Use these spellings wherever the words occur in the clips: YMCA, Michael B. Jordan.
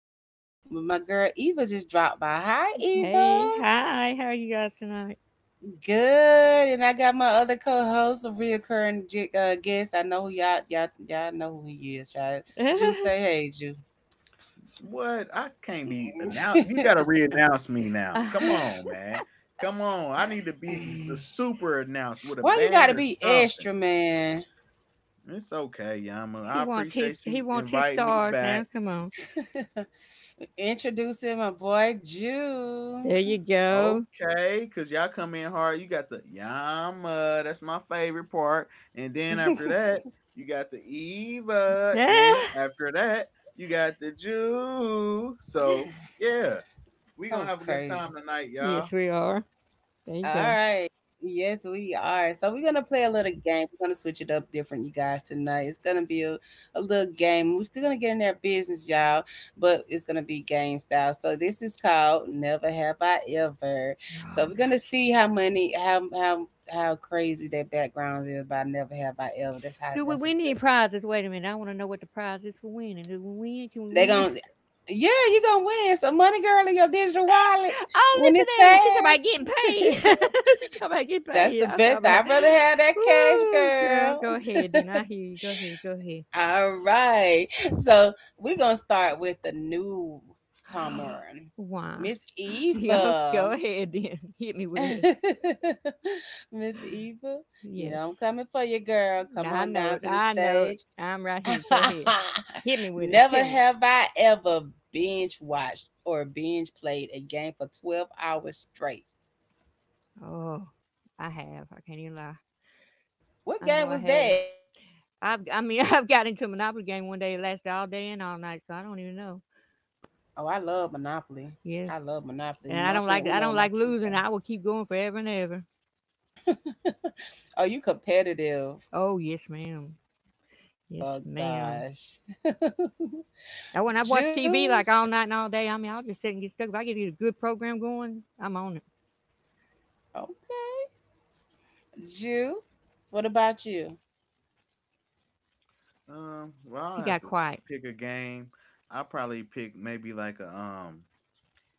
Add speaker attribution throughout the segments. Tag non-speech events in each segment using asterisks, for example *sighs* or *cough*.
Speaker 1: the jet. But my girl Eva just dropped by. Hi, Eva.
Speaker 2: Hey, hi. How are you guys tonight?
Speaker 1: Good. And I got my other co-host, a reoccurring guest. I know who y'all know who he is. Y'all, Jew,
Speaker 2: *laughs*
Speaker 1: say
Speaker 3: What? I can't be announced.
Speaker 1: hey,
Speaker 3: You
Speaker 1: Jew.
Speaker 3: gotta
Speaker 1: *laughs*
Speaker 3: re-announce me now.
Speaker 2: Uh,
Speaker 3: Come
Speaker 1: *sighs* *laughs*
Speaker 3: on, man. Come on. I need to be super announced with a
Speaker 1: Why you gotta
Speaker 3: band or
Speaker 1: be extra,
Speaker 3: something.
Speaker 1: man?
Speaker 3: It's okay, Yama.
Speaker 2: he
Speaker 3: I
Speaker 2: wants his
Speaker 3: appreciate
Speaker 2: he
Speaker 3: you
Speaker 2: wants his
Speaker 3: inviting me
Speaker 2: stars now.
Speaker 3: back.
Speaker 2: Come on.
Speaker 1: *laughs* Introducing my boy Jew.
Speaker 2: There you go.
Speaker 3: Okay, cause y'all come in hard. You got the Yama. That's my favorite part. And then after
Speaker 1: *laughs*
Speaker 3: that, you got the Eva. Then
Speaker 2: Ah,
Speaker 3: after that, you got the Jew. So yeah, we gonna
Speaker 1: So
Speaker 3: have a good
Speaker 1: crazy.
Speaker 3: time tonight, y'all.
Speaker 2: yes, we are. There you
Speaker 1: All
Speaker 2: go.
Speaker 1: right. Yes, we are. So we're gonna play a little game. We're gonna switch it up different, you guys, tonight. It's gonna be a little game. We're still gonna get in their business, y'all, but it's gonna be game style. So this is called Never Have I Ever.
Speaker 2: Oh
Speaker 1: So
Speaker 2: my
Speaker 1: we're gonna
Speaker 2: gosh.
Speaker 1: see how how crazy that background is by Never Have I Ever. That's how
Speaker 2: Do we
Speaker 1: that's a
Speaker 2: win
Speaker 1: good.
Speaker 2: any prizes? Wait a minute. I want to know what the prize is for winning. Do we win? Can we
Speaker 1: They
Speaker 2: win?
Speaker 1: gonna,
Speaker 2: *laughs*
Speaker 1: yeah, you gonna win some money, girl, in your digital wallet
Speaker 2: Oh,
Speaker 1: when
Speaker 2: listen
Speaker 1: it's
Speaker 2: at her. She's talking about getting
Speaker 1: passed. *laughs*
Speaker 2: paid. *laughs* She's talking about getting
Speaker 1: That's
Speaker 2: paid.
Speaker 1: the
Speaker 2: I was
Speaker 1: best.
Speaker 2: talking about.
Speaker 1: I'd rather have that
Speaker 2: *gasps*
Speaker 1: cash,
Speaker 2: Woo, girl,
Speaker 1: girl.
Speaker 2: go ahead. Then I hear you. Go ahead. Go ahead.
Speaker 1: *laughs* All right. So we're gonna start with the newcomer,
Speaker 2: *gasps* Why?
Speaker 1: Miss
Speaker 2: *laughs* Yo,
Speaker 1: Eva.
Speaker 2: go ahead then. *laughs* Hit me with it.
Speaker 1: *laughs* Miss Eva, you know I'm
Speaker 2: Yes.
Speaker 1: coming for you, girl. Come
Speaker 2: Now I
Speaker 1: on
Speaker 2: know
Speaker 1: down
Speaker 2: it.
Speaker 1: to the
Speaker 2: I know it.
Speaker 1: stage.
Speaker 2: I'm right
Speaker 1: *laughs*
Speaker 2: here. Go ahead. Hit me with it.
Speaker 1: Never
Speaker 2: Tell me.
Speaker 1: have I ever binge watched or binge played a game for 12 hours straight.
Speaker 2: Oh, I have. I can't even lie.
Speaker 1: What
Speaker 2: I know
Speaker 1: game
Speaker 2: I
Speaker 1: was that?
Speaker 2: have. *laughs* I've got into a Monopoly game one day. It lasted all day and all night, so I don't even know.
Speaker 1: Oh, I love Monopoly.
Speaker 2: Yes.
Speaker 1: I love Monopoly.
Speaker 2: And I don't
Speaker 1: Monopoly and
Speaker 2: like I
Speaker 1: Uno are
Speaker 2: don't
Speaker 1: my
Speaker 2: like
Speaker 1: two
Speaker 2: losing. I will keep going forever and ever.
Speaker 1: favorites. *laughs* Oh, you competitive.
Speaker 2: Oh yes, ma'am. Yes,
Speaker 1: Oh,
Speaker 2: ma'am.
Speaker 1: gosh.
Speaker 2: Oh, and
Speaker 1: *laughs*
Speaker 2: I've watched TV
Speaker 1: Jew?
Speaker 2: like all night and all day. I mean, I'll just sit and get stuck. If I get a good program going, I'm on it.
Speaker 1: Okay. Jew? What about you?
Speaker 3: Well,
Speaker 2: He
Speaker 3: I'll
Speaker 2: got
Speaker 3: have to
Speaker 2: quiet.
Speaker 3: pick a game. I'll probably pick maybe like a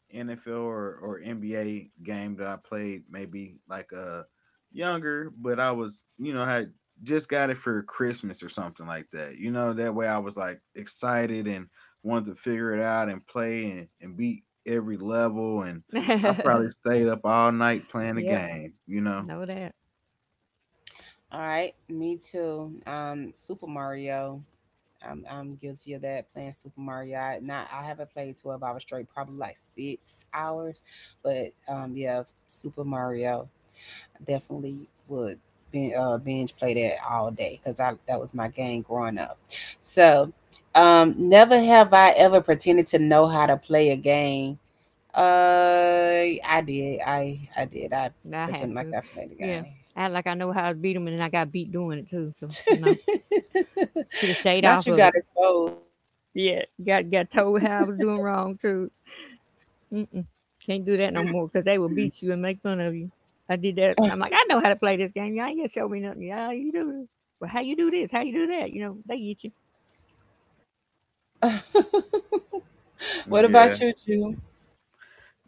Speaker 3: NFL or, NBA game that I played maybe like a younger, but I was you know had just got it for Christmas or something like that. You know, that way I was like excited and wanted to figure it out and play and, beat every level, and I probably
Speaker 2: *laughs*
Speaker 3: stayed up all night playing the
Speaker 2: Yep.
Speaker 3: game. You know,
Speaker 2: Know that.
Speaker 1: All right, me too. Super Mario. I'm guilty of that playing Super Mario. I, not I haven't played 12 hours straight, probably like six hours, but yeah, Super Mario definitely would binge play that all day because I that was my game growing up. So, never have I ever pretended to know how to play a game. Uh, I did. I did. I
Speaker 2: I have
Speaker 1: pretended like
Speaker 2: to.
Speaker 1: I played the
Speaker 2: Yeah.
Speaker 1: game.
Speaker 2: Act like I know how to beat them, and then I got beat doing it too. So no,
Speaker 1: *laughs*
Speaker 2: should have stayed
Speaker 1: Not
Speaker 2: off
Speaker 1: you
Speaker 2: of
Speaker 1: got
Speaker 2: it.
Speaker 1: exposed.
Speaker 2: Yeah. Got told how I was doing wrong too. Mm-mm. Can't do that no more because they will beat you and make fun of you. I did that. I'm like,
Speaker 1: Mm-mm.
Speaker 2: I know how to play this game. Y'all ain't gonna show me nothing. Yeah, you do. Well, how you do this? How you do that? You know, they get you.
Speaker 1: *laughs* What about
Speaker 3: yeah.
Speaker 1: you, Jew?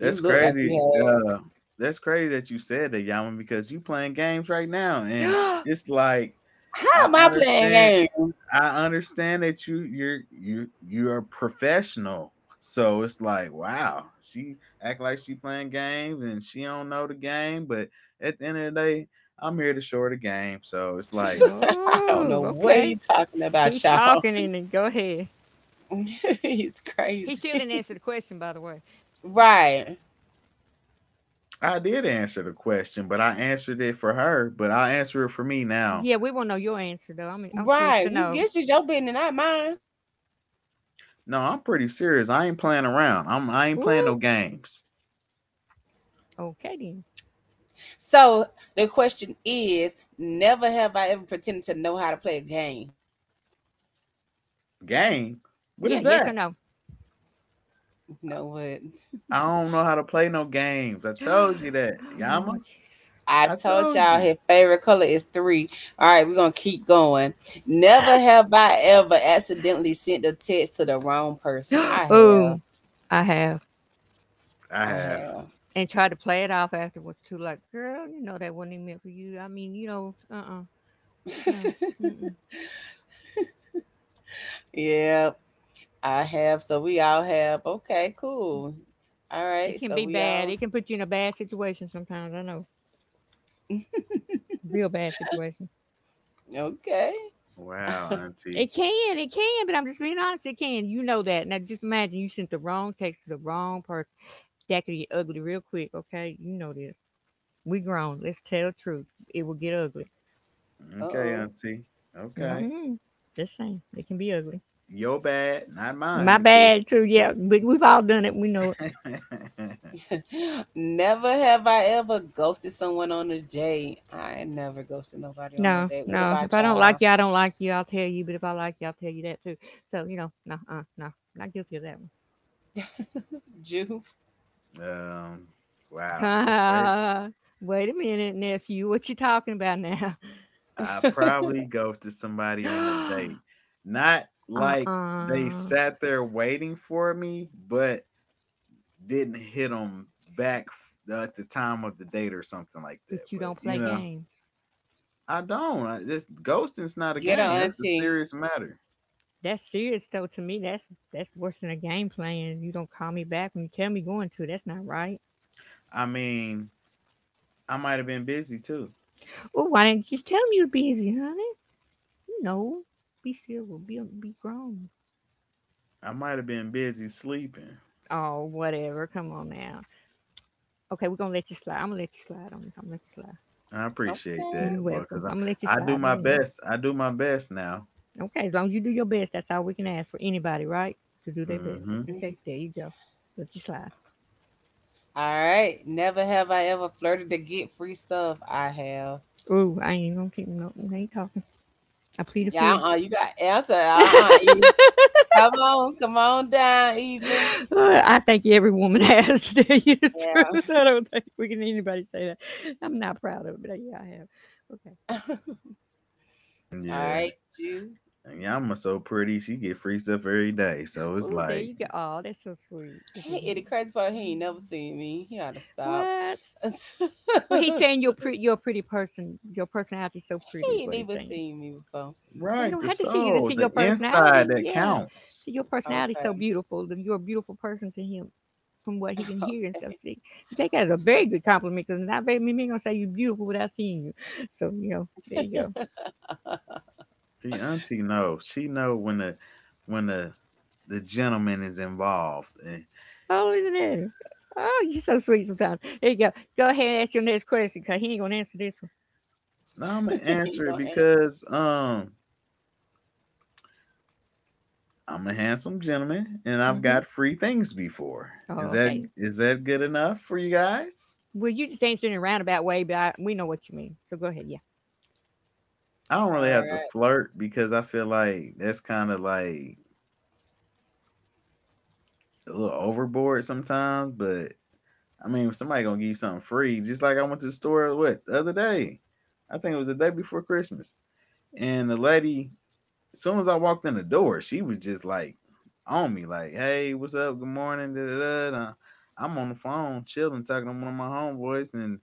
Speaker 1: You look like you
Speaker 3: crazy.
Speaker 1: had.
Speaker 3: That's crazy that you said that, Yaman, because you playing games right now, and it's like
Speaker 1: How
Speaker 3: I
Speaker 1: am I
Speaker 3: understand.
Speaker 1: playing
Speaker 3: I understand that you're a professional, so it's like wow, she act like she playing games and she don't know the game, but at the end of the day, I'm here to show her the game. So it's
Speaker 1: games?
Speaker 3: like
Speaker 1: *laughs* I don't
Speaker 2: Oh,
Speaker 1: know what
Speaker 2: okay.
Speaker 1: he talking about,
Speaker 2: He
Speaker 1: y'all.
Speaker 2: talking and then go ahead.
Speaker 1: *laughs* He's
Speaker 2: He still
Speaker 1: crazy.
Speaker 2: didn't
Speaker 1: *laughs*
Speaker 2: answer the question, by the way.
Speaker 1: Right.
Speaker 3: I did answer the question, but I answered it for her, but I answer it for me now.
Speaker 2: Yeah, we want to know your answer though. I'm curious
Speaker 1: Right.
Speaker 2: to
Speaker 1: We
Speaker 2: know.
Speaker 1: this is your business, not mine.
Speaker 3: No, I'm pretty serious. I ain't playing around. I'm I ain't playing no
Speaker 2: Woo!
Speaker 3: games.
Speaker 2: Okay then.
Speaker 1: So the question is, never have I ever pretended to know how to play a game.
Speaker 3: Game? What
Speaker 2: Yeah,
Speaker 3: is
Speaker 2: yes or
Speaker 3: that?
Speaker 2: no?
Speaker 1: You
Speaker 3: I
Speaker 1: know what?
Speaker 3: I don't know how to play no games. I
Speaker 2: *gasps*
Speaker 3: told you that.
Speaker 2: Oh,
Speaker 3: Yama,
Speaker 2: Lord Jesus.
Speaker 1: *laughs* I
Speaker 3: I
Speaker 1: told
Speaker 3: told
Speaker 1: y'all
Speaker 3: you.
Speaker 1: his favorite color is three. All right, we're gonna keep going. Never have I ever accidentally sent a text to the wrong person.
Speaker 2: *gasps*
Speaker 1: I
Speaker 2: Oh,
Speaker 1: have.
Speaker 2: I have.
Speaker 3: I
Speaker 1: I
Speaker 3: have.
Speaker 1: have.
Speaker 2: And try to play it off afterwards too, like, girl, you know that wasn't even meant for you. I mean, no.
Speaker 1: *laughs*
Speaker 2: Mm mm.
Speaker 1: Yep, I have. So we all have. Okay, cool. All
Speaker 2: It
Speaker 1: right.
Speaker 2: can
Speaker 1: So
Speaker 2: be
Speaker 1: we
Speaker 2: bad.
Speaker 1: all
Speaker 2: It can put you in a bad situation sometimes. I know.
Speaker 1: *laughs*
Speaker 2: Real bad situation.
Speaker 1: okay.
Speaker 3: Wow,
Speaker 1: *laughs*
Speaker 3: Auntie.
Speaker 2: It can, but I'm just being honest, it can. You know that. Now just imagine you sent the wrong text to the wrong person. That could get ugly real quick, okay? You know this. We grown. Let's tell the truth. It will get ugly.
Speaker 3: Okay,
Speaker 1: oh.
Speaker 3: Auntie. Okay.
Speaker 1: *laughs*
Speaker 2: Hmm. Just saying, it can be ugly.
Speaker 3: Your bad, not mine,
Speaker 2: My
Speaker 3: because.
Speaker 2: bad, too. Yeah, but we've all done it. We know it.
Speaker 3: *laughs*
Speaker 1: Oh. Never have I ever ghosted someone on a date. I ain't never ghosted nobody on no
Speaker 2: No,
Speaker 1: date. What
Speaker 2: no. If
Speaker 1: about
Speaker 2: I don't
Speaker 1: y'all?
Speaker 2: like you, I don't like you. I'll tell you. But if I like you, I'll tell you that too. So you know, no, no, not guilty of that
Speaker 1: *laughs* Jew.
Speaker 3: um, wow, that's crazy.
Speaker 2: one. *laughs* Wait a minute, nephew. What you talking about now?
Speaker 3: I probably go to somebody on a date.
Speaker 2: *gasps*
Speaker 3: Not like they
Speaker 2: Uh-uh.
Speaker 3: sat there waiting for me, but didn't hit them back at the time of the date or something like that.
Speaker 2: But you
Speaker 3: But,
Speaker 2: don't
Speaker 3: you
Speaker 2: play
Speaker 3: know,
Speaker 2: games.
Speaker 3: I don't. This ghosting's not
Speaker 1: *laughs*
Speaker 3: a
Speaker 1: Get her,
Speaker 3: game. That's a
Speaker 1: auntie.
Speaker 3: serious matter.
Speaker 2: That's serious though. To me, that's worse than a game playing. You don't call me back when you tell me going to. That's not right.
Speaker 3: I mean, I might have been busy too.
Speaker 2: Well, why didn't you just tell me you're busy, honey? No, be we'll be grown.
Speaker 3: I might have been busy sleeping.
Speaker 2: Oh, whatever. Come on now. Okay, we're gonna let you slide. I'm gonna let you slide on this. I'm gonna let you slide.
Speaker 3: I appreciate that,
Speaker 1: Okay.
Speaker 2: You
Speaker 3: but because
Speaker 2: welcome. I'm gonna let you
Speaker 3: I do
Speaker 2: slide, but
Speaker 3: my
Speaker 2: anyway.
Speaker 3: best. I do my best now.
Speaker 2: Okay, as long as you do your best, that's all we can ask for anybody, right? To do their best.
Speaker 3: Hmm
Speaker 2: Okay, there you go. Let you slide.
Speaker 1: *laughs* All right. Never have I ever flirted to get free stuff. I have.
Speaker 2: Ooh, I ain't gonna keep no. I ain't talking. I plead
Speaker 1: Yeah,
Speaker 2: the
Speaker 1: you got answer. Uh-uh.
Speaker 2: fifth. *laughs*
Speaker 1: Come on, come on down, Eva.
Speaker 2: I think every woman *laughs* has. To tell you the
Speaker 1: Yeah.
Speaker 2: truth, I don't think we can anybody say that. I'm not proud of it, but yeah, I have. Okay.
Speaker 1: *laughs* All
Speaker 3: Yeah.
Speaker 1: right, you.
Speaker 3: And Yama's so pretty. She get free stuff every day. So it's
Speaker 2: Ooh, there
Speaker 3: like,
Speaker 2: you go. Oh, that's so sweet. Look at
Speaker 1: Hey, the
Speaker 2: him.
Speaker 1: Crazy Part, he ain't never seen me. He ought to stop.
Speaker 2: What?
Speaker 1: *laughs* He
Speaker 2: Well, he's saying you're pretty. You're a pretty person. Your personality's so pretty, is
Speaker 1: ain't
Speaker 2: what he's
Speaker 1: even
Speaker 2: saying.
Speaker 1: seen me before.
Speaker 2: Well, he
Speaker 3: right,
Speaker 2: don't
Speaker 3: the
Speaker 2: have to see you to
Speaker 3: soul,
Speaker 2: see your
Speaker 3: the
Speaker 2: personality.
Speaker 3: inside that
Speaker 2: Yeah, see
Speaker 3: counts.
Speaker 2: your personality's so
Speaker 1: Okay.
Speaker 2: beautiful. That You're a beautiful person to him, from what he can hear and
Speaker 1: *laughs*
Speaker 2: stuff. See, take that as a very good compliment because not very many men gonna say you're beautiful without seeing you. So you know, there you go.
Speaker 3: The auntie knows. She know when the when the the gentleman is involved. And
Speaker 2: Oh, listen at him. Oh, you're so sweet sometimes. There you go. Go ahead and ask your next question because he ain't gonna answer this
Speaker 3: I'm gonna
Speaker 1: He
Speaker 3: answer it
Speaker 1: don't answer.
Speaker 3: because I'm a handsome gentleman and
Speaker 2: one.
Speaker 3: I've
Speaker 2: Mm-hmm.
Speaker 3: got free things before.
Speaker 2: Oh,
Speaker 3: Is
Speaker 2: okay.
Speaker 3: that good enough for you guys?
Speaker 2: Well, you just answered in a roundabout way, but we know what you mean. So go ahead. Yeah.
Speaker 3: I don't
Speaker 1: All
Speaker 3: really have to
Speaker 1: right.
Speaker 3: flirt because I feel like that's kind of like a little overboard sometimes, but I mean, if somebody going to give you something free, just like I went to the store what the other day. I think it was the day before Christmas. And the lady, as soon as I walked in the door, she was just like on me like, "Hey, what's up? Good morning." Da, da, da, da." I'm on the phone chilling talking to one of my homeboys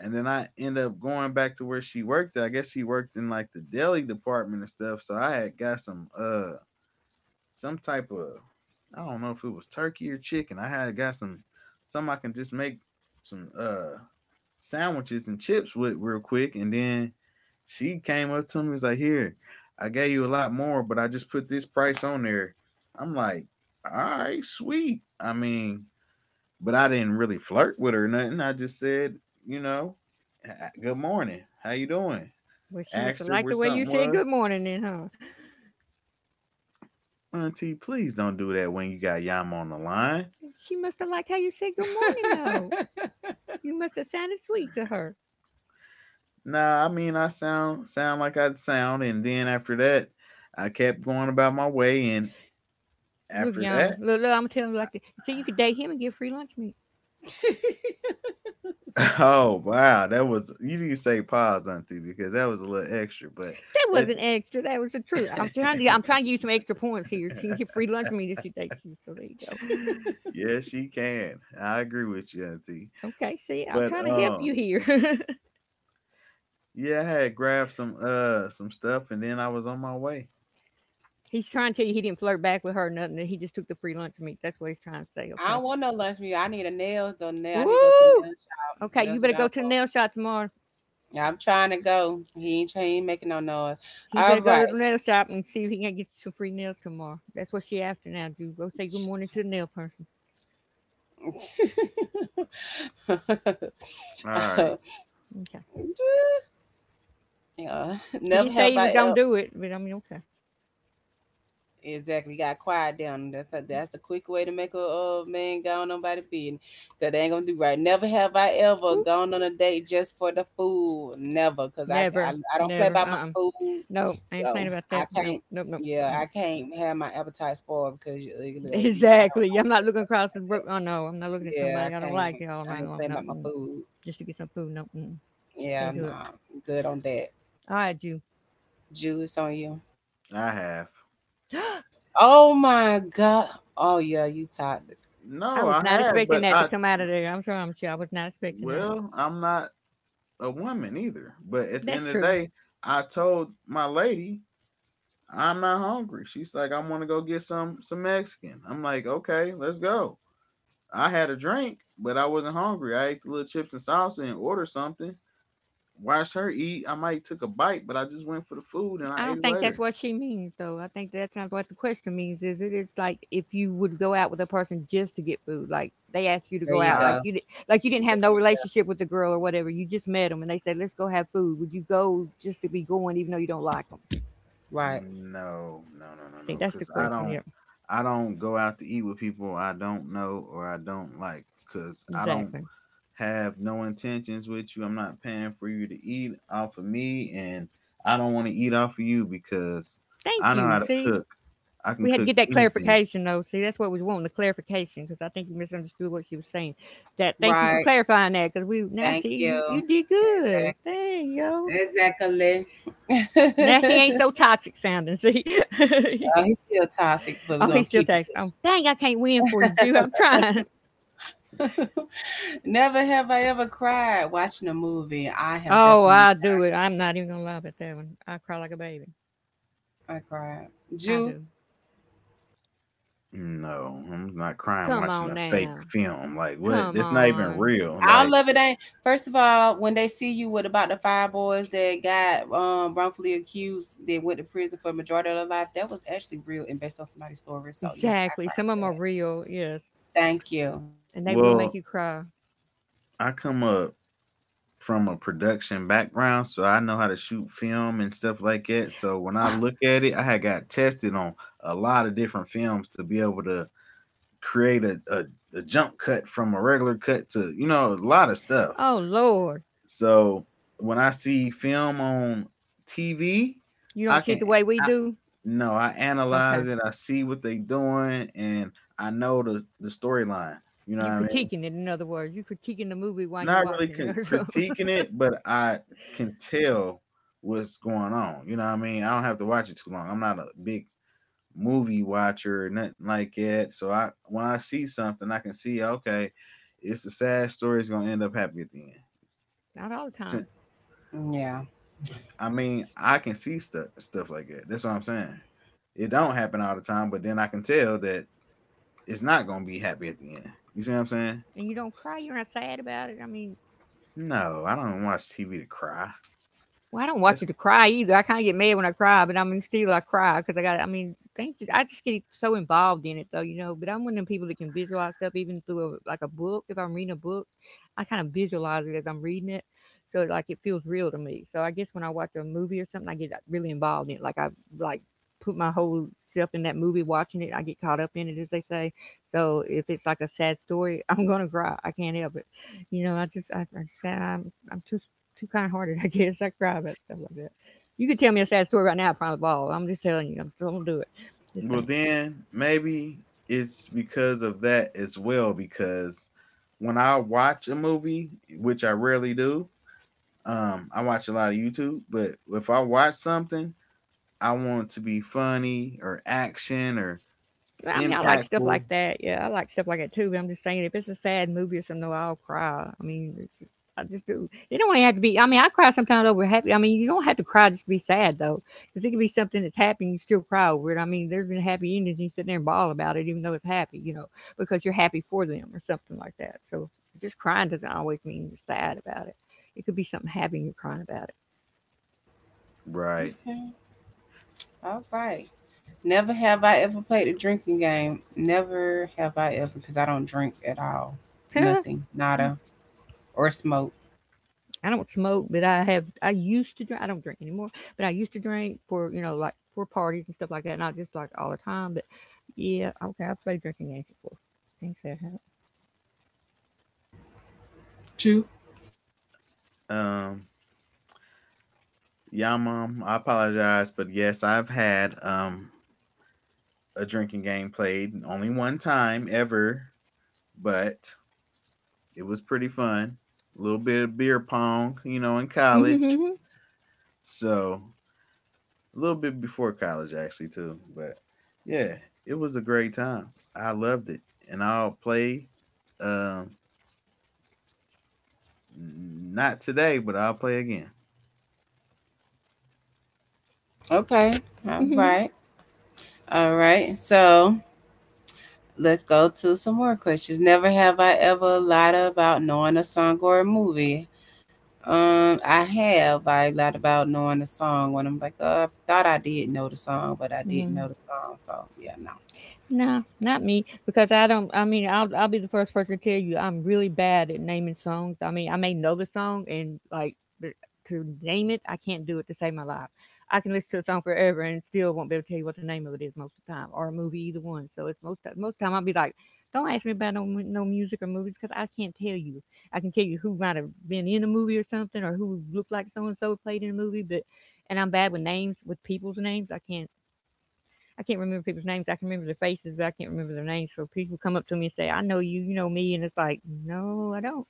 Speaker 3: and then I end up going back to where she worked at. I guess she worked in like the deli department and stuff. So I had got some some type of I don't know if it was turkey or chicken. I had got some I can just make some sandwiches and chips with real quick and then she came up to me was like, "Here, I gave you a lot more, but I just put this price on there." I'm like, "All right, sweet." I mean, but I didn't really flirt with her or nothing. I just said, you know, "Ah, good morning. How you doing?
Speaker 2: Well, she must
Speaker 3: Asked
Speaker 2: have
Speaker 3: her
Speaker 2: liked
Speaker 3: where
Speaker 2: the way you
Speaker 3: something
Speaker 2: said
Speaker 3: was.
Speaker 2: good morning, then, huh?
Speaker 3: Auntie, please don't do that when you got Yama on the line.
Speaker 2: She must have liked how you said good morning, though.
Speaker 1: *laughs*
Speaker 2: You must have sounded sweet to her.
Speaker 3: Nah, I mean I sound like I'd sound, and then after that, I kept going about my way, and
Speaker 2: Look,
Speaker 3: after
Speaker 2: Yama.
Speaker 3: that,
Speaker 2: Look, look. I'm telling you like this. So you could date him and get free lunch meat.
Speaker 3: *laughs* oh wow, that was you didn't say pause, Auntie, because that was a little extra, but
Speaker 2: That
Speaker 3: it,
Speaker 2: wasn't extra. That was the truth. I'm trying to give you some extra points here. She can get free lunch meat if she dates you. So there you go.
Speaker 3: *laughs* yes, she can. I agree with you, Auntie.
Speaker 2: Okay. See, I'm
Speaker 3: But
Speaker 2: trying to help you here. *laughs*
Speaker 3: yeah, I had grabbed some some stuff and then I was on my way.
Speaker 2: He's trying to tell you he didn't flirt back with her or nothing. That he just took the free lunch meat. That's what he's trying to say.
Speaker 1: I
Speaker 2: Okay.
Speaker 1: don't want no lunch meat. I need a nails though. Nail. I need to go to the
Speaker 2: Woo!
Speaker 1: nail shop.
Speaker 2: Okay, you
Speaker 1: That's what
Speaker 2: better
Speaker 1: I
Speaker 2: go to the
Speaker 1: want.
Speaker 2: nail shop tomorrow.
Speaker 1: Yeah, I'm trying to go. He ain't, trying, he ain't making no noise.
Speaker 2: He
Speaker 1: All
Speaker 2: better go to the
Speaker 1: right.
Speaker 2: nail shop and see if he can get you some free nails tomorrow. That's what she after now, dude. Go say good morning to the nail person.
Speaker 1: *laughs*
Speaker 3: All
Speaker 1: uh,
Speaker 3: right.
Speaker 2: Okay.
Speaker 1: yeah,
Speaker 2: He
Speaker 1: never
Speaker 2: didn't say
Speaker 1: have
Speaker 2: he
Speaker 1: I
Speaker 2: was
Speaker 1: ever
Speaker 2: gonna do it, but I mean, okay.
Speaker 1: exactly got quiet down. That's the quick way to make a man go on nobody beating because they ain't gonna do right. Never have I ever
Speaker 2: Woo.
Speaker 1: gone on a date just for the food. Never, cause
Speaker 2: Never,
Speaker 1: I don't play
Speaker 2: never.
Speaker 1: by my food,
Speaker 2: No, I ain't playing
Speaker 1: so
Speaker 2: about
Speaker 1: I
Speaker 2: that. Nope,
Speaker 1: can't.
Speaker 2: nope, nope.
Speaker 1: Yeah, I
Speaker 2: Mm. *laughs*
Speaker 1: can't have my appetite spoiled because you're ugly or you. I don't
Speaker 2: Exactly.
Speaker 1: like
Speaker 2: I'm
Speaker 1: you
Speaker 2: not
Speaker 1: or
Speaker 2: looking
Speaker 1: something
Speaker 2: across the
Speaker 1: like that.
Speaker 2: brook. Oh no, I'm not looking at
Speaker 1: Yeah, I
Speaker 2: somebody I don't
Speaker 1: can't.
Speaker 2: like it all
Speaker 1: I ain't
Speaker 2: night
Speaker 1: playing
Speaker 2: long.
Speaker 1: about
Speaker 2: No,
Speaker 1: my
Speaker 2: mm.
Speaker 1: food.
Speaker 2: Just to get some food. No, mm.
Speaker 1: Yeah,
Speaker 2: Can't do it.
Speaker 1: nah, good on that.
Speaker 2: All right, you.
Speaker 1: Juice on you.
Speaker 3: I have.
Speaker 1: Oh my god. Oh yeah, you toxic.
Speaker 2: I
Speaker 3: No,
Speaker 2: was
Speaker 3: I
Speaker 2: not
Speaker 3: have,
Speaker 2: expecting
Speaker 3: but
Speaker 2: that to
Speaker 3: I
Speaker 2: come out of there. I'm sure I was not expecting that.
Speaker 3: well, I'm not a woman either. But at the
Speaker 2: That's
Speaker 3: end of the
Speaker 2: true.
Speaker 3: day, I told my lady I'm not hungry. She's like, I want to go get some Mexican. I'm like, okay, let's go. I had a drink, but I wasn't hungry. I ate the little chips and salsa and ordered something. Watched her eat. I might took a bite, but I just went for the food and
Speaker 2: I
Speaker 3: I ate
Speaker 2: don't
Speaker 3: it
Speaker 2: think that's
Speaker 3: later.
Speaker 2: what she means, though. I think that's not what the question means. Is it is like if you would go out with a person just to get food, like they ask you to
Speaker 1: There
Speaker 2: go
Speaker 1: you
Speaker 2: out,
Speaker 3: I
Speaker 2: like
Speaker 1: go.
Speaker 2: you did, like you didn't have no
Speaker 1: There you go.
Speaker 2: relationship with the girl or whatever. You just met them and they said, "Let's go have food." Would you go just to be going, even though you don't like them?
Speaker 1: Right.
Speaker 3: No, no, no, no,
Speaker 2: See,
Speaker 3: no.
Speaker 2: that's the
Speaker 3: Because
Speaker 2: question. Yeah,
Speaker 3: I don't go out to eat with people I don't know or I don't like. Because I don't
Speaker 2: exactly.
Speaker 3: have no intentions with you. I'm not paying for you to eat off of me, and I don't want to eat off of you because
Speaker 2: Thank
Speaker 3: I know
Speaker 2: you.
Speaker 3: how to
Speaker 2: See,
Speaker 3: cook. I can
Speaker 2: we had to
Speaker 3: cook
Speaker 2: get that
Speaker 3: anything.
Speaker 2: clarification, though. See, that's what we was wanting the clarification because I think you misunderstood what she was saying. That Thank you for
Speaker 1: Right.
Speaker 2: clarifying that because we now
Speaker 1: Thank
Speaker 2: see
Speaker 1: you.
Speaker 2: you did
Speaker 1: Exactly.
Speaker 2: good. Dang yo.
Speaker 1: Exactly.
Speaker 2: Now he
Speaker 1: *laughs*
Speaker 2: ain't so toxic sounding. See,
Speaker 1: Oh,
Speaker 2: *laughs*
Speaker 1: he's still toxic, but we're
Speaker 2: oh,
Speaker 1: gonna
Speaker 2: he
Speaker 1: keep
Speaker 2: still
Speaker 1: it
Speaker 2: texts. Oh, dang, I can't win for you, Jew. I'm trying.
Speaker 1: pushing. *laughs* Never have I ever cried watching a movie. I have
Speaker 2: Oh,
Speaker 1: definitely
Speaker 2: I do it. I'm not even gonna lie about that one. I cry like a baby.
Speaker 1: I cried.
Speaker 2: I
Speaker 1: Jew.
Speaker 2: do.
Speaker 3: No, I'm not crying
Speaker 2: Come
Speaker 3: watching
Speaker 2: on
Speaker 3: a fake
Speaker 2: now.
Speaker 3: film. Like what?
Speaker 2: Come
Speaker 3: That's not even
Speaker 2: on.
Speaker 3: real.
Speaker 1: All
Speaker 3: Like,
Speaker 1: of it ain't. First of all, when they see you with about the five boys that got wrongfully accused, that went to prison for the majority of their life, that was actually real and based on somebody's story. So yes, I
Speaker 2: Exactly.
Speaker 1: cried
Speaker 2: Some of them
Speaker 1: for
Speaker 2: are
Speaker 1: that.
Speaker 2: real, yes,
Speaker 1: Thank you.
Speaker 2: and they will make
Speaker 3: well,
Speaker 2: you cry.
Speaker 3: I come up from a production background, so I know how to shoot film and stuff like that. So when I look at it, I had got tested on a lot of different films to be able to create a jump cut from a regular cut to, you know, a lot of stuff.
Speaker 2: Oh Lord,
Speaker 3: So when I see film on TV,
Speaker 2: you don't
Speaker 3: I
Speaker 2: see it
Speaker 3: can
Speaker 2: the way we
Speaker 3: I,
Speaker 2: do.
Speaker 3: no, I
Speaker 2: Okay,
Speaker 3: analyze it, I see what they doing and I know the storyline. You know what
Speaker 2: you
Speaker 3: I mean?
Speaker 2: critiquing it. In other words, you critiquing the movie while you
Speaker 3: Not really
Speaker 2: watching it. *laughs*
Speaker 3: critiquing it, but I can tell what's going on. You know what I mean? I don't have to watch it too long. I'm not a big movie watcher or nothing like that. So I when I see something, I can see okay, it's a sad story. It's gonna end up happy at the end.
Speaker 2: Not all the
Speaker 3: So
Speaker 2: time
Speaker 1: Yeah.
Speaker 3: I mean, I can see stuff like that. That's what I'm saying. It don't happen all the time, but then I can tell that it's not gonna be happy at the end. You see what I'm saying?
Speaker 2: and you don't cry, you're not sad about it. I mean,
Speaker 3: No, I don't watch TV to cry.
Speaker 2: well, I don't watch it to cry either. I kind of get mad when I cry, but I mean, still I cry because I got. I mean, things just I just get so involved in it though, you know. But I'm one of them people that can visualize stuff even through a, like a book. If I'm reading a book, I kind of visualize it as I'm reading it, so like it feels real to me. So I guess when I watch a movie or something, I get really involved in it. Like put my whole self in that movie watching it. I get caught up in it, as they say. So if it's like a sad story, *laughs* I'm gonna cry. I can't help it. You know, I sad. I'm too kind hearted, I guess. I cry about stuff like that. You could tell me a sad story right now, I probably ball. I'm just telling you, I'm still gonna do it. Just
Speaker 3: Well,
Speaker 2: saying.
Speaker 3: then maybe it's because of that as well. Because when I watch a movie, which I rarely do, I watch a lot of YouTube. But if I watch something, I want it to be funny or action or
Speaker 2: I mean, I like stuff like
Speaker 3: impactful.
Speaker 2: that. Yeah, I like stuff like that too. But I'm just saying, if it's a sad movie or something, no, I'll cry. I mean, it's just, I just do. It don't have to be. I mean, I cry sometimes over happy. I mean, you don't have to cry just to be sad though, because it can be something that's happy and you still cry over it. I mean, there's been happy endings and you sit there and bawl about it, even though it's happy, because you're happy for them or something like that. So just crying doesn't always mean you're sad about it. It could be something happy and you're crying about
Speaker 3: Right.
Speaker 1: Okay. All right. Never have I ever played a drinking game. Never have I ever, because I don't drink at all.
Speaker 2: it.
Speaker 1: Nothing.
Speaker 2: *laughs*
Speaker 1: Nada. Or smoke.
Speaker 2: I don't smoke, but I have. I used to drink. I don't drink anymore, but I used to drink for like for parties and stuff like that. Not just like all the time, but yeah. Okay, I play drinking games before. Things
Speaker 1: Chew.
Speaker 3: Um. Yeah, mom. I apologize, but yes, I've had a drinking game played only 1 time ever, but it was pretty fun. A little bit of beer pong, you know, in college.
Speaker 2: that
Speaker 3: So a little bit before college actually too. But yeah, it was a great time. I loved it. And I'll play um not today, but I'll play again.
Speaker 1: Okay. All
Speaker 2: happen.
Speaker 1: right. All right. So let's go to some more questions. Never have I ever lied about knowing a song or a movie. I have. I lied about knowing a song when I'm like, I thought I did know the song, but I didn't know
Speaker 2: *laughs*
Speaker 1: the song. So yeah, no.
Speaker 2: Nah, not me because I don't. I mean, I'll be the first person to tell you I'm really bad at naming songs. I mean, I may know the song and like but to name it, I can't do it to save my life. I can listen to a song forever and still won't be able to tell you what the name of it is most of the time, or a movie, either one. So it's most time I'll be like, don't ask me about no no music or movies because I can't tell you. I can tell you who might have been in a movie or something, or who looked like so and so played in a movie, but and I'm bad with names, with people's names. I can't. I can't remember people's names. I can remember their faces, but I can't remember their names. So people come up to me and say, I know you, you know me. And it's like, no, I don't.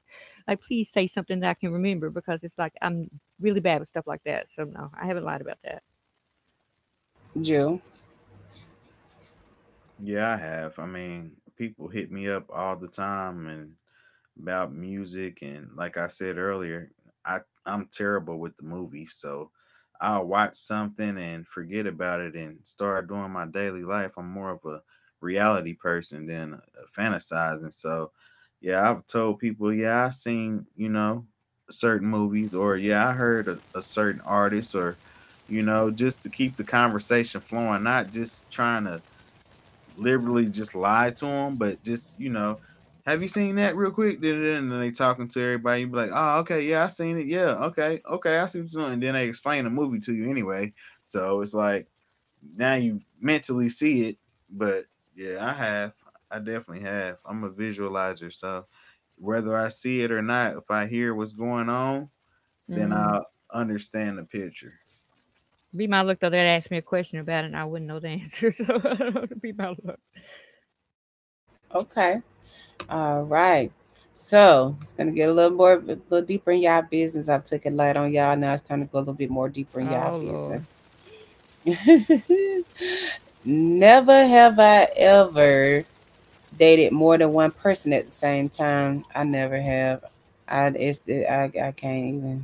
Speaker 2: Like, please say something that I can remember because it's like, I'm really bad with stuff like that. So, no, I haven't lied about that.
Speaker 1: Jew.
Speaker 3: Yeah, I have. I mean, people hit me up all the time and about music and like I said earlier, I I'm terrible with the movies, so I'll watch something and forget about it and start doing my daily life. I'm more of a reality person than a fantasizing. So, yeah, I've told people, yeah, I've seen, you know, certain movies or yeah, I heard a certain artist or you know, just to keep the conversation flowing, not just trying to literally just lied to him, but just you know, have you seen that real quick? And then they talking to everybody. You be like, oh, okay, yeah, I seen it. Yeah, okay, okay, I see what you're doing. And then they explain the movie to you anyway. So it's like now you mentally see it, but yeah, I have. I definitely have. I'm a visualizer, so whether I see it or not, if I hear what's going on, then
Speaker 2: Mm.
Speaker 3: I'll understand the picture.
Speaker 2: Be my luck, though, they'd ask me a question about it and I wouldn't know the answer. So, *laughs* I don't know, to be my luck.
Speaker 1: Okay. All right. So it's gonna get a little more, a little deeper in y'all business. I've took it light on y'all. Now it's time to go a little bit more deeper in y'all
Speaker 2: Oh, Lord.
Speaker 1: business. *laughs* Never have I ever dated more than one person at the same time. I never have. I it's I can't even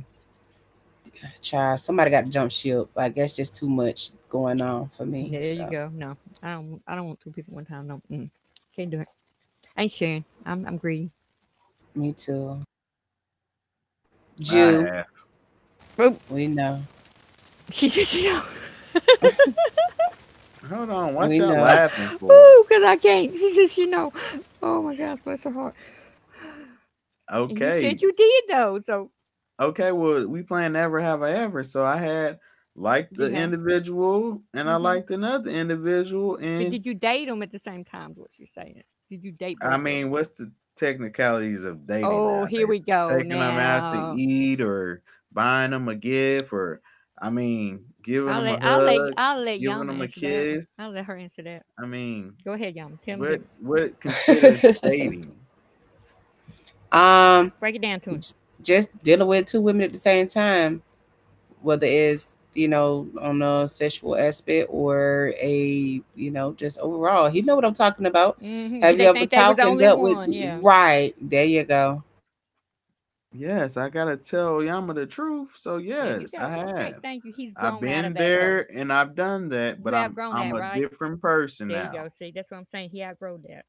Speaker 1: try. Somebody got to jump ship. Like that's just too much going on for me.
Speaker 2: There
Speaker 1: So
Speaker 2: you go. No, I don't. I don't want two people one time. No, can't do it. I ain't sharing. I'm greedy.
Speaker 1: me too.
Speaker 3: I
Speaker 1: Jew,
Speaker 3: have.
Speaker 2: Oh,
Speaker 1: we know,
Speaker 2: *laughs* she says, you know.
Speaker 1: *laughs*
Speaker 3: Hold on,
Speaker 1: we
Speaker 3: what y'all
Speaker 1: know.
Speaker 3: laughing
Speaker 2: *laughs*
Speaker 3: for?
Speaker 2: Ooh, cause I can't. She says, you know. Oh my gosh, bless her heart. And you said
Speaker 3: Okay,
Speaker 2: you did though, so
Speaker 3: okay, well, we playing Never Have I Ever. So I had liked
Speaker 2: you
Speaker 3: the
Speaker 2: have.
Speaker 3: individual and I
Speaker 2: Hmm.
Speaker 3: liked another individual.
Speaker 2: But
Speaker 3: And
Speaker 2: did you date them at the same time? Is what you're saying? Did you date
Speaker 3: I
Speaker 2: both of
Speaker 3: mean,
Speaker 2: them?
Speaker 3: what's the technicalities of dating
Speaker 2: Oh, here
Speaker 3: nowadays?
Speaker 2: we go
Speaker 3: Taking them out to
Speaker 2: now.
Speaker 3: eat or buying them a gift or, I mean, giving
Speaker 2: I'll
Speaker 3: them
Speaker 2: let
Speaker 3: a
Speaker 2: I'll let
Speaker 3: hug,
Speaker 2: I'll let
Speaker 3: giving
Speaker 2: Yama
Speaker 3: them a
Speaker 2: answer that one.
Speaker 3: kiss.
Speaker 2: I'll let her answer that.
Speaker 3: I mean,
Speaker 2: Go ahead, Yama. Tell them different.
Speaker 3: what considers
Speaker 1: *laughs*
Speaker 3: dating?
Speaker 1: um,
Speaker 2: Break it down to him.
Speaker 1: just dealing with two women at the same time, whether it's you know on a sexual aspect or a you know just overall. He know what I'm talking about.
Speaker 2: Hmm. Did
Speaker 1: Have you
Speaker 2: they
Speaker 1: ever
Speaker 2: think they was the
Speaker 1: talked and
Speaker 2: only
Speaker 1: dealt with?
Speaker 2: one? Yeah.
Speaker 1: Right there, you go.
Speaker 3: Yes, I gotta tell Yama the truth. So
Speaker 2: There you
Speaker 3: yes, I
Speaker 2: go. Okay,
Speaker 3: have.
Speaker 2: thank you. He's
Speaker 3: I've
Speaker 2: grown out of
Speaker 3: been
Speaker 2: that though.
Speaker 3: there and I've done that, but
Speaker 2: You outgrown
Speaker 3: I'm
Speaker 2: that,
Speaker 3: a
Speaker 2: right?
Speaker 3: different person
Speaker 2: There you
Speaker 3: now.
Speaker 2: go. See, that's what I'm saying. He outgrown that.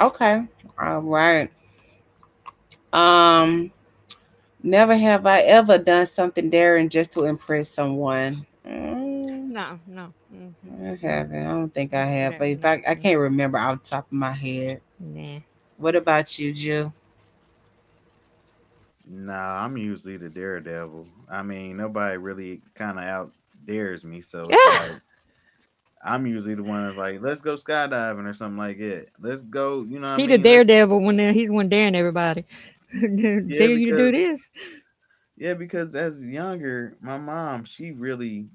Speaker 1: Okay, all right. Um, never have I ever done something daring just to impress someone. Mm,
Speaker 2: No,
Speaker 1: I
Speaker 2: no.
Speaker 1: haven't. I don't think I
Speaker 2: No, screw
Speaker 1: have.
Speaker 2: that.
Speaker 1: But if
Speaker 2: No,
Speaker 1: I, I can't remember off the top of my head.
Speaker 2: nah. *laughs*
Speaker 1: What about you, Jill?
Speaker 3: Nah, I'm usually the daredevil. I mean, nobody really kind of out dares me, so it's
Speaker 2: Yeah. *sighs*
Speaker 3: like I'm usually the one that's like, let's go skydiving or something like that. Let's go, you know what I
Speaker 2: He the
Speaker 3: mean? Let's
Speaker 2: daredevil when he's one daring everybody. *laughs*
Speaker 3: yeah,
Speaker 2: Dare you to do
Speaker 3: because
Speaker 2: this?
Speaker 3: as younger, my mom, she really,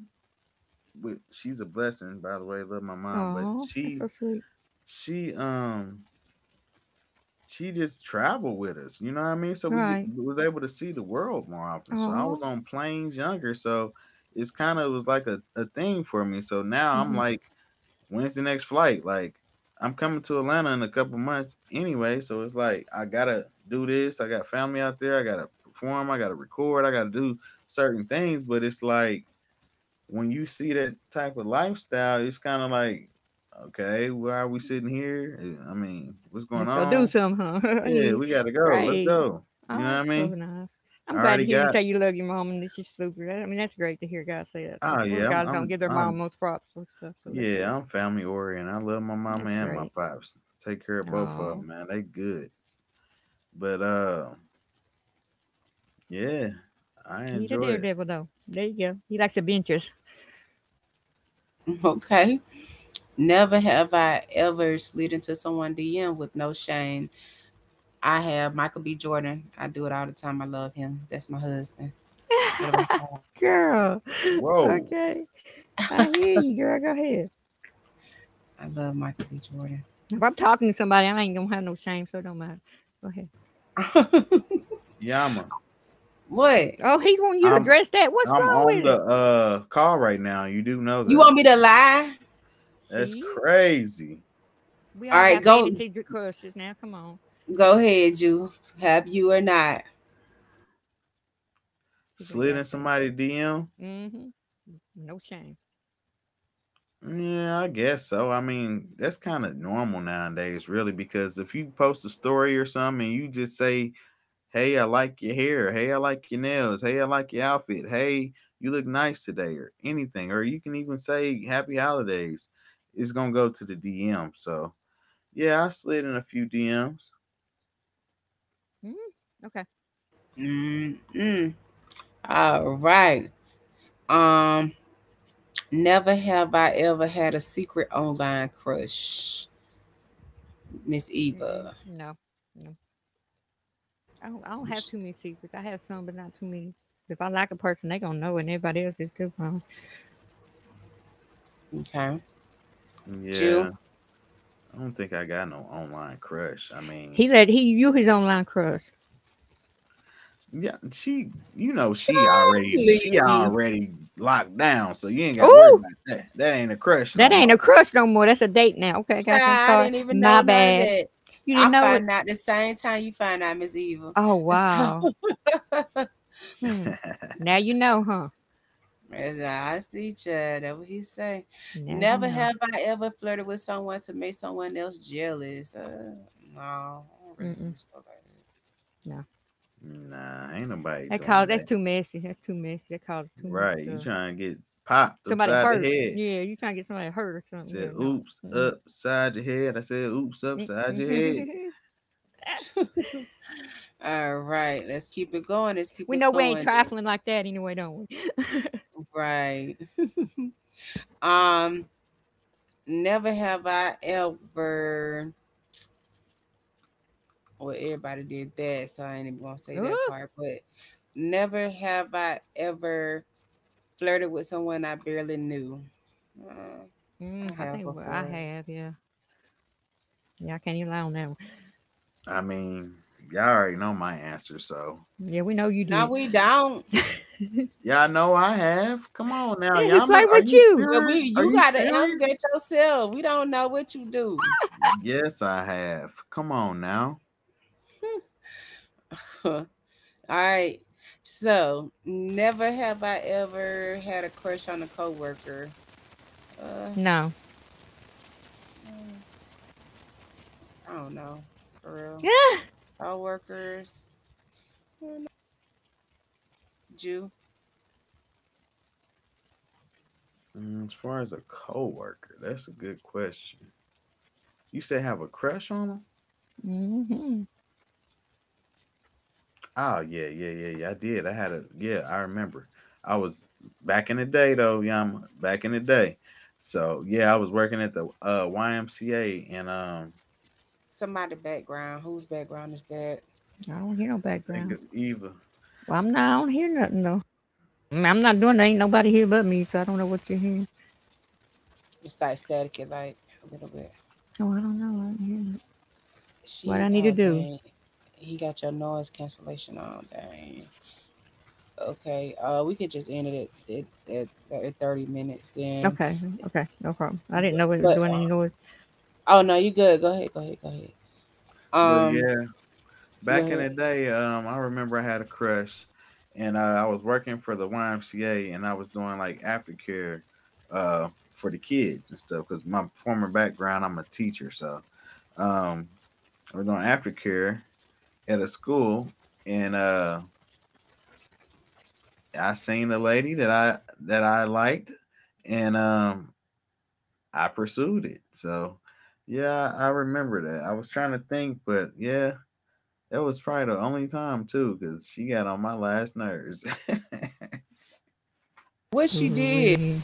Speaker 3: she's a blessing, by the way. Love my mom, but
Speaker 2: Oh, that's so sweet.
Speaker 3: she um she just traveled with us. You know what I mean? So
Speaker 2: All
Speaker 3: we
Speaker 2: right.
Speaker 3: was able to see the world more often. So I was
Speaker 2: Oh,
Speaker 3: on planes younger, so it's kind of was like a thing for me. So now I'm
Speaker 2: mm-hmm.
Speaker 3: like, when's the next flight? Like I'm coming to Atlanta in a couple months anyway, so it's like I gotta do this. I got family out there. I gotta perform. I gotta record. I gotta do certain things. But it's like when you see that type of lifestyle, it's kind of like, okay, why are we sitting here? I mean, what's going
Speaker 2: Let's go do
Speaker 3: on?
Speaker 2: something, huh? *laughs*
Speaker 3: Yeah,
Speaker 2: he,
Speaker 3: we gotta go. Let's
Speaker 2: great.
Speaker 3: go. You know
Speaker 2: Oh,
Speaker 3: what I
Speaker 2: that's so
Speaker 3: mean?
Speaker 2: nice.
Speaker 3: I
Speaker 2: I'm glad
Speaker 3: already
Speaker 2: to hear you
Speaker 3: got.
Speaker 2: say you love your mom, and it's just super. I mean, that's great to hear guys say that
Speaker 3: Oh
Speaker 2: because most
Speaker 3: yeah, I'm.
Speaker 2: guys don't
Speaker 3: I'm.
Speaker 2: give their mom
Speaker 3: I'm.
Speaker 2: most props for stuff, so that's good.
Speaker 3: Yeah, I'm family oriented. I love my mama
Speaker 2: That's
Speaker 3: and my
Speaker 2: great.
Speaker 3: pops. Take care of both of
Speaker 2: Oh,
Speaker 3: them, man. They good. But yeah, I
Speaker 2: he the
Speaker 3: enjoy it.
Speaker 2: daredevil though. There you go. He likes adventures.
Speaker 1: *laughs* Okay. Never have I ever slid into someone DMs with no shame. I have Michael B. Jordan. I do it all the time. I love him. That's my husband. What about
Speaker 2: *laughs*
Speaker 1: you?
Speaker 2: Girl,
Speaker 3: Whoa,
Speaker 2: okay, I hear you, girl. Go ahead.
Speaker 1: I love Michael B.
Speaker 2: If I'm talking to somebody, I ain't gonna have no shame, so it don't matter. Go ahead.
Speaker 1: Jordan.
Speaker 3: Yama,
Speaker 1: *laughs* What?
Speaker 2: Oh, he's want you to
Speaker 3: I'm.
Speaker 2: address that. What's
Speaker 3: I'm
Speaker 2: wrong
Speaker 3: on
Speaker 2: with
Speaker 3: the
Speaker 2: it?
Speaker 3: call right now. You do know
Speaker 1: You want
Speaker 3: that.
Speaker 1: me to lie?
Speaker 3: That's
Speaker 2: See,
Speaker 3: crazy.
Speaker 2: we
Speaker 1: All
Speaker 2: all
Speaker 1: right,
Speaker 2: got
Speaker 1: go
Speaker 2: fantasy crushes now. Come on,
Speaker 1: go ahead, you. Have you or not?
Speaker 2: see what he
Speaker 3: Slid
Speaker 2: got
Speaker 3: in
Speaker 2: to say.
Speaker 3: somebody DM.
Speaker 2: Mm-hmm. No shame.
Speaker 3: Yeah, I guess so. I mean, that's kind of normal nowadays, really, because if you post a story or something and you just say, "Hey, I like your hair. Hey, I like your nails. Hey, I like your outfit. Hey, you look nice today," or anything, or you can even say "Happy Holidays," it's gonna go to the DM. So yeah, I slid in a few DMs.
Speaker 2: Mm-hmm. Okay.
Speaker 1: Mm-mm. All right. Um, never have I ever had a secret online crush, Miss
Speaker 2: Mm-mm.
Speaker 1: Eva.
Speaker 2: No, no. I don't. I don't have too many secrets. I have some, but not too many. If I like a person, they gonna know, it, and everybody else is too. Promise.
Speaker 1: Okay. You,
Speaker 3: Yeah, I don't think I got no online crush. I mean,
Speaker 2: He let he you his online crush.
Speaker 3: yeah, she, you know,
Speaker 1: Child,
Speaker 3: she
Speaker 1: please.
Speaker 3: already locked down, so you ain't got to worry
Speaker 2: Oh,
Speaker 3: about that. That ain't a crush
Speaker 2: that
Speaker 3: no
Speaker 2: ain't a
Speaker 3: more.
Speaker 2: crush no more. That's a date now. Okay, I
Speaker 1: Child,
Speaker 2: got you. I'm
Speaker 1: I
Speaker 2: sorry.
Speaker 1: didn't even
Speaker 2: My
Speaker 1: know none of
Speaker 2: bad.
Speaker 1: that.
Speaker 2: You didn't
Speaker 1: I
Speaker 2: know it.
Speaker 1: find out the same time you find out Miss Evil.
Speaker 2: Oh
Speaker 1: And so
Speaker 2: wow.
Speaker 1: *laughs*
Speaker 2: Hmm.
Speaker 3: *laughs*
Speaker 2: Now you know, huh?
Speaker 1: as I see child, that what he say.
Speaker 2: Now you
Speaker 1: Never
Speaker 2: know.
Speaker 1: have I ever flirted with someone to make someone else jealous. No, I don't really do
Speaker 2: Mm-mm.
Speaker 1: stuff
Speaker 2: No.
Speaker 3: Nah, ain't nobody
Speaker 2: That
Speaker 3: doing
Speaker 2: cause that's
Speaker 3: that.
Speaker 2: too messy. That's too messy. That causes too much
Speaker 3: Right, you
Speaker 2: stuff.
Speaker 3: trying to get popped
Speaker 2: Somebody
Speaker 3: upside the
Speaker 2: hurt.
Speaker 3: head.
Speaker 2: Yeah, you trying to get somebody hurt or something.
Speaker 3: Said,
Speaker 2: Yeah, no.
Speaker 3: oops,
Speaker 2: Mm-mm.
Speaker 3: upside your head. I said, oops, upside your head.
Speaker 2: Mm. *laughs*
Speaker 1: like that. *laughs* All right, let's keep it going. Let's keep
Speaker 2: We
Speaker 1: it
Speaker 2: know we ain't
Speaker 1: flowing then.
Speaker 2: trifling like that anyway, don't we?
Speaker 1: Right. *laughs* um, never have I ever well, everybody did that, so I ain't even gonna say that
Speaker 2: Ooh.
Speaker 1: part. But never have I ever flirted with someone I barely knew.
Speaker 2: I
Speaker 1: I have
Speaker 2: think well, I
Speaker 1: before.
Speaker 2: have, yeah. Yeah, I can't even lie on that one.
Speaker 3: I mean, y'all already know my answer, so
Speaker 2: Yeah, we know you
Speaker 1: No,
Speaker 2: did.
Speaker 1: we don't.
Speaker 3: y'all know I have. Come on now,
Speaker 2: Yeah, he
Speaker 3: Yama,
Speaker 2: flirted
Speaker 3: are
Speaker 2: with
Speaker 3: you
Speaker 2: you.
Speaker 1: Well, we
Speaker 3: serious? Are
Speaker 1: you
Speaker 3: you
Speaker 1: gotta answer
Speaker 3: serious?
Speaker 1: that yourself. We don't know what you do.
Speaker 3: Yes, I have. Come on now.
Speaker 1: *laughs* All right. So never have I ever had a crush on a coworker. Uh,
Speaker 2: No. *laughs*
Speaker 1: mm, I don't know for real.
Speaker 2: Yeah.
Speaker 1: Coworkers, I don't know. Jew.
Speaker 3: Mm, as far as a coworker, that's a good question. You said have a crush on him?
Speaker 2: Hmm.
Speaker 3: Oh yeah. I did. I had a yeah. I remember. I was back in the day though, Yama. Back in the day. So yeah, I was working at the YMCA and
Speaker 1: Somebody background. Whose background is that?
Speaker 2: I don't hear no
Speaker 3: I think
Speaker 2: background.
Speaker 3: it's Eva.
Speaker 2: Well, I'm not. I don't hear nothing though. I'm not doing. There ain't nobody here but me, so I don't know what you're hearing.
Speaker 1: It's like static it like a little bit.
Speaker 2: Oh, I don't know. I didn't hear that. What
Speaker 1: She
Speaker 2: I need
Speaker 1: oh
Speaker 2: to do.
Speaker 1: dang. He got your noise cancellation on, dang. Okay, we could just end it at 30 minutes then.
Speaker 2: Okay. Okay. No problem. I didn't
Speaker 1: But,
Speaker 2: know we were
Speaker 1: but
Speaker 2: doing any noise.
Speaker 1: uh, oh no, you good. Go ahead, go ahead, go ahead.
Speaker 3: But
Speaker 1: Um
Speaker 3: yeah,
Speaker 1: go
Speaker 3: back in
Speaker 1: ahead.
Speaker 3: the day, I remember I had a crush, and I was working for the YMCA and I was doing like aftercare, uh, for the kids and stuff. Cause my former background, I'm a teacher, so. Um, I was doing aftercare at a school, and I seen a lady that I liked, and I pursued it. So, yeah, I remember that. I was trying to think, but yeah, that was probably the only time too, because she got on my last nerves. *laughs*
Speaker 1: What she did.
Speaker 2: Ooh-wee.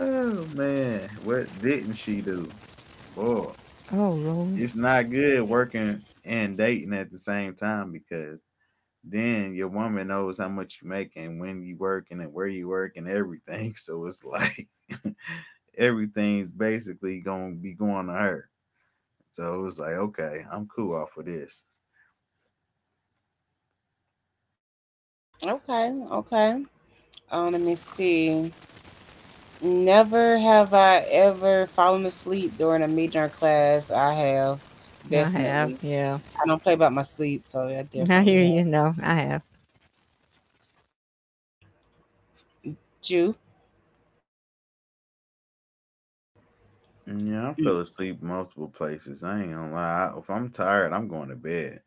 Speaker 3: Oh man, what didn't she do? Boy,
Speaker 2: Oh, Lord.
Speaker 3: it's not good working and dating at the same time because then your woman knows how much you make and when you work and where you work and everything. *laughs* So it's like *laughs* everything's basically gonna be going to her. So it was like, okay, I'm cool off of this.
Speaker 1: Okay, okay. Let me see. Never have I ever fallen asleep during a meeting or class. I have
Speaker 2: I have.
Speaker 1: definitely.
Speaker 2: Yeah.
Speaker 1: I don't play about my sleep, so yeah, I
Speaker 2: *laughs* I hear
Speaker 1: definitely have.
Speaker 2: you. No, I have.
Speaker 1: You?
Speaker 3: And yeah, I
Speaker 1: Mm.
Speaker 3: fell asleep multiple places. I ain't gonna lie. If I'm tired, I'm going to bed.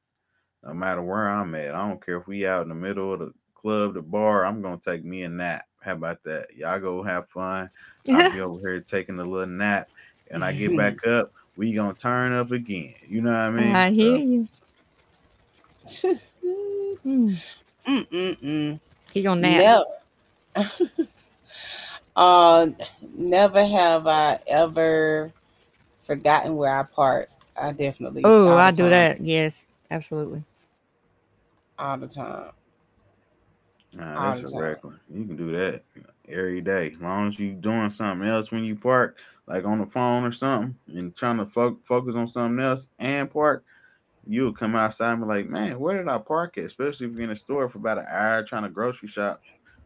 Speaker 3: No matter where I'm at, I don't care if we out in the middle of the club, the bar. I'm gonna take me a nap. How about that? Y'all go have fun. I'll be
Speaker 2: *laughs*
Speaker 3: over here taking a little nap, and I get
Speaker 1: Mhm.
Speaker 3: back up. We gonna turn up again. You know what I mean?
Speaker 2: I hear
Speaker 3: So,
Speaker 2: you. Hmm.
Speaker 1: *laughs* Mm-mm-mm.
Speaker 2: He gonna nap.
Speaker 1: Never. *laughs* Uh, never have I ever forgotten where I parked. I definitely all
Speaker 2: Oh,
Speaker 1: the
Speaker 2: I do
Speaker 1: time,
Speaker 2: that. Yes. Absolutely.
Speaker 1: all the time,
Speaker 3: nah,
Speaker 1: all the
Speaker 3: that's a
Speaker 1: time.
Speaker 3: regular. You can do that every day as long as you doing something else when you park, like on the phone or something, and trying to focus on something else and park. You would come outside and be like, man, where did I park at? Especially if you're in a store for about an hour trying to grocery shop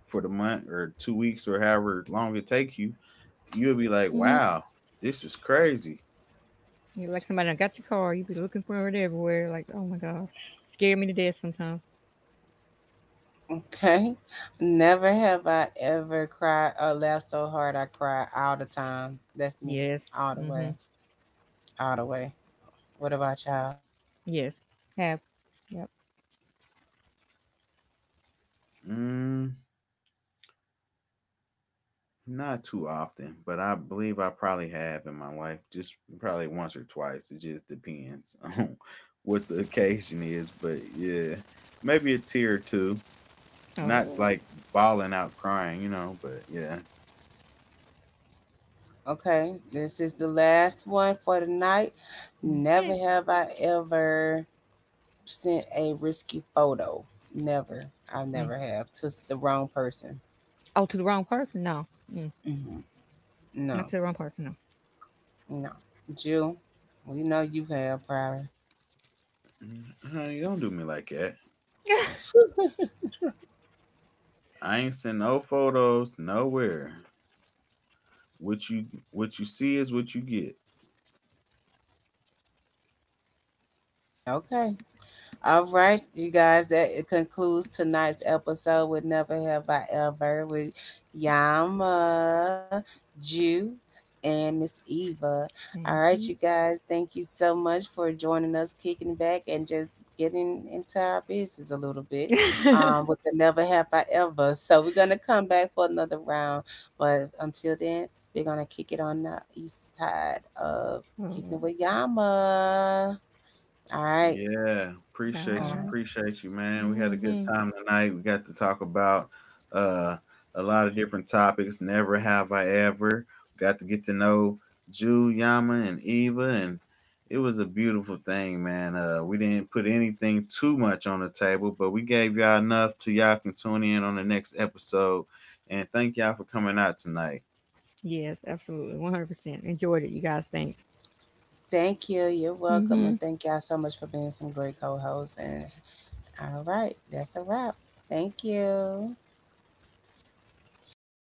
Speaker 3: for the month or two weeks or however long it take you, you will be like,
Speaker 2: *laughs* You
Speaker 3: wow, this is crazy.
Speaker 2: are like somebody done got your car. You be looking for it everywhere. Like, oh my gosh. Scare me to death sometimes.
Speaker 1: Okay. Never have I ever cried or laughed so hard I cried all the time. That's me.
Speaker 2: Yes.
Speaker 1: All the
Speaker 2: Mm-hmm.
Speaker 1: way. All the way. What about y'all?
Speaker 2: Yes. Have. Yep.
Speaker 3: Mm, not too often, but I believe I probably have in my life, just probably once or twice. It just depends on *laughs* what the occasion is, but yeah, maybe a tear or two. Not
Speaker 2: Oh.
Speaker 3: like bawling out crying, you know, but yeah.
Speaker 1: Okay. This is the last one for the night. Never
Speaker 2: Okay.
Speaker 1: have I ever sent a risky photo. Never. I
Speaker 2: Mm.
Speaker 1: never have. To the wrong person.
Speaker 2: Oh, to the wrong person? No. Mm.
Speaker 1: Hmm. No.
Speaker 2: Not to the wrong person,
Speaker 1: No. Jill, we know you have probably.
Speaker 3: Mm, honey, don't do me like that.
Speaker 2: no.
Speaker 1: *laughs*
Speaker 3: I ain't send no photos nowhere. What you what you see is what you get.
Speaker 1: Okay. All right, you guys, that it concludes tonight's episode with Never Have I Ever with Yama, Jew, and Miss Eva.
Speaker 2: *laughs*
Speaker 1: All
Speaker 2: Thank
Speaker 1: right,
Speaker 2: you.
Speaker 1: you guys, thank you so much for joining us, kicking back, and just getting into our business a little bit
Speaker 2: *laughs*
Speaker 1: with the Never Have I Ever. So we're going to come back for another round, but until then, we're going to kick it on the east side of
Speaker 2: Oh,
Speaker 1: Kicking It With Yama. All right.
Speaker 3: Yeah,
Speaker 1: All
Speaker 2: bye.
Speaker 1: right.
Speaker 3: appreciate you, man. We had a good
Speaker 2: Hmm.
Speaker 3: time tonight. We got to talk about uh a lot of different topics. Never have I ever got to get to know Jew, Yama, and Eva, and it was a beautiful thing, man. We didn't put anything too much on the table, but we gave y'all enough to y'all can tune in on the next episode. And thank y'all for coming out tonight.
Speaker 2: Yes, absolutely. 100%. Enjoyed it, you guys. Thanks.
Speaker 1: Thank you. You're
Speaker 2: Mm.
Speaker 1: welcome.
Speaker 2: Hmm.
Speaker 1: And thank y'all so much for being some great co hosts. And all right, that's a wrap. Thank you.
Speaker 3: See ya.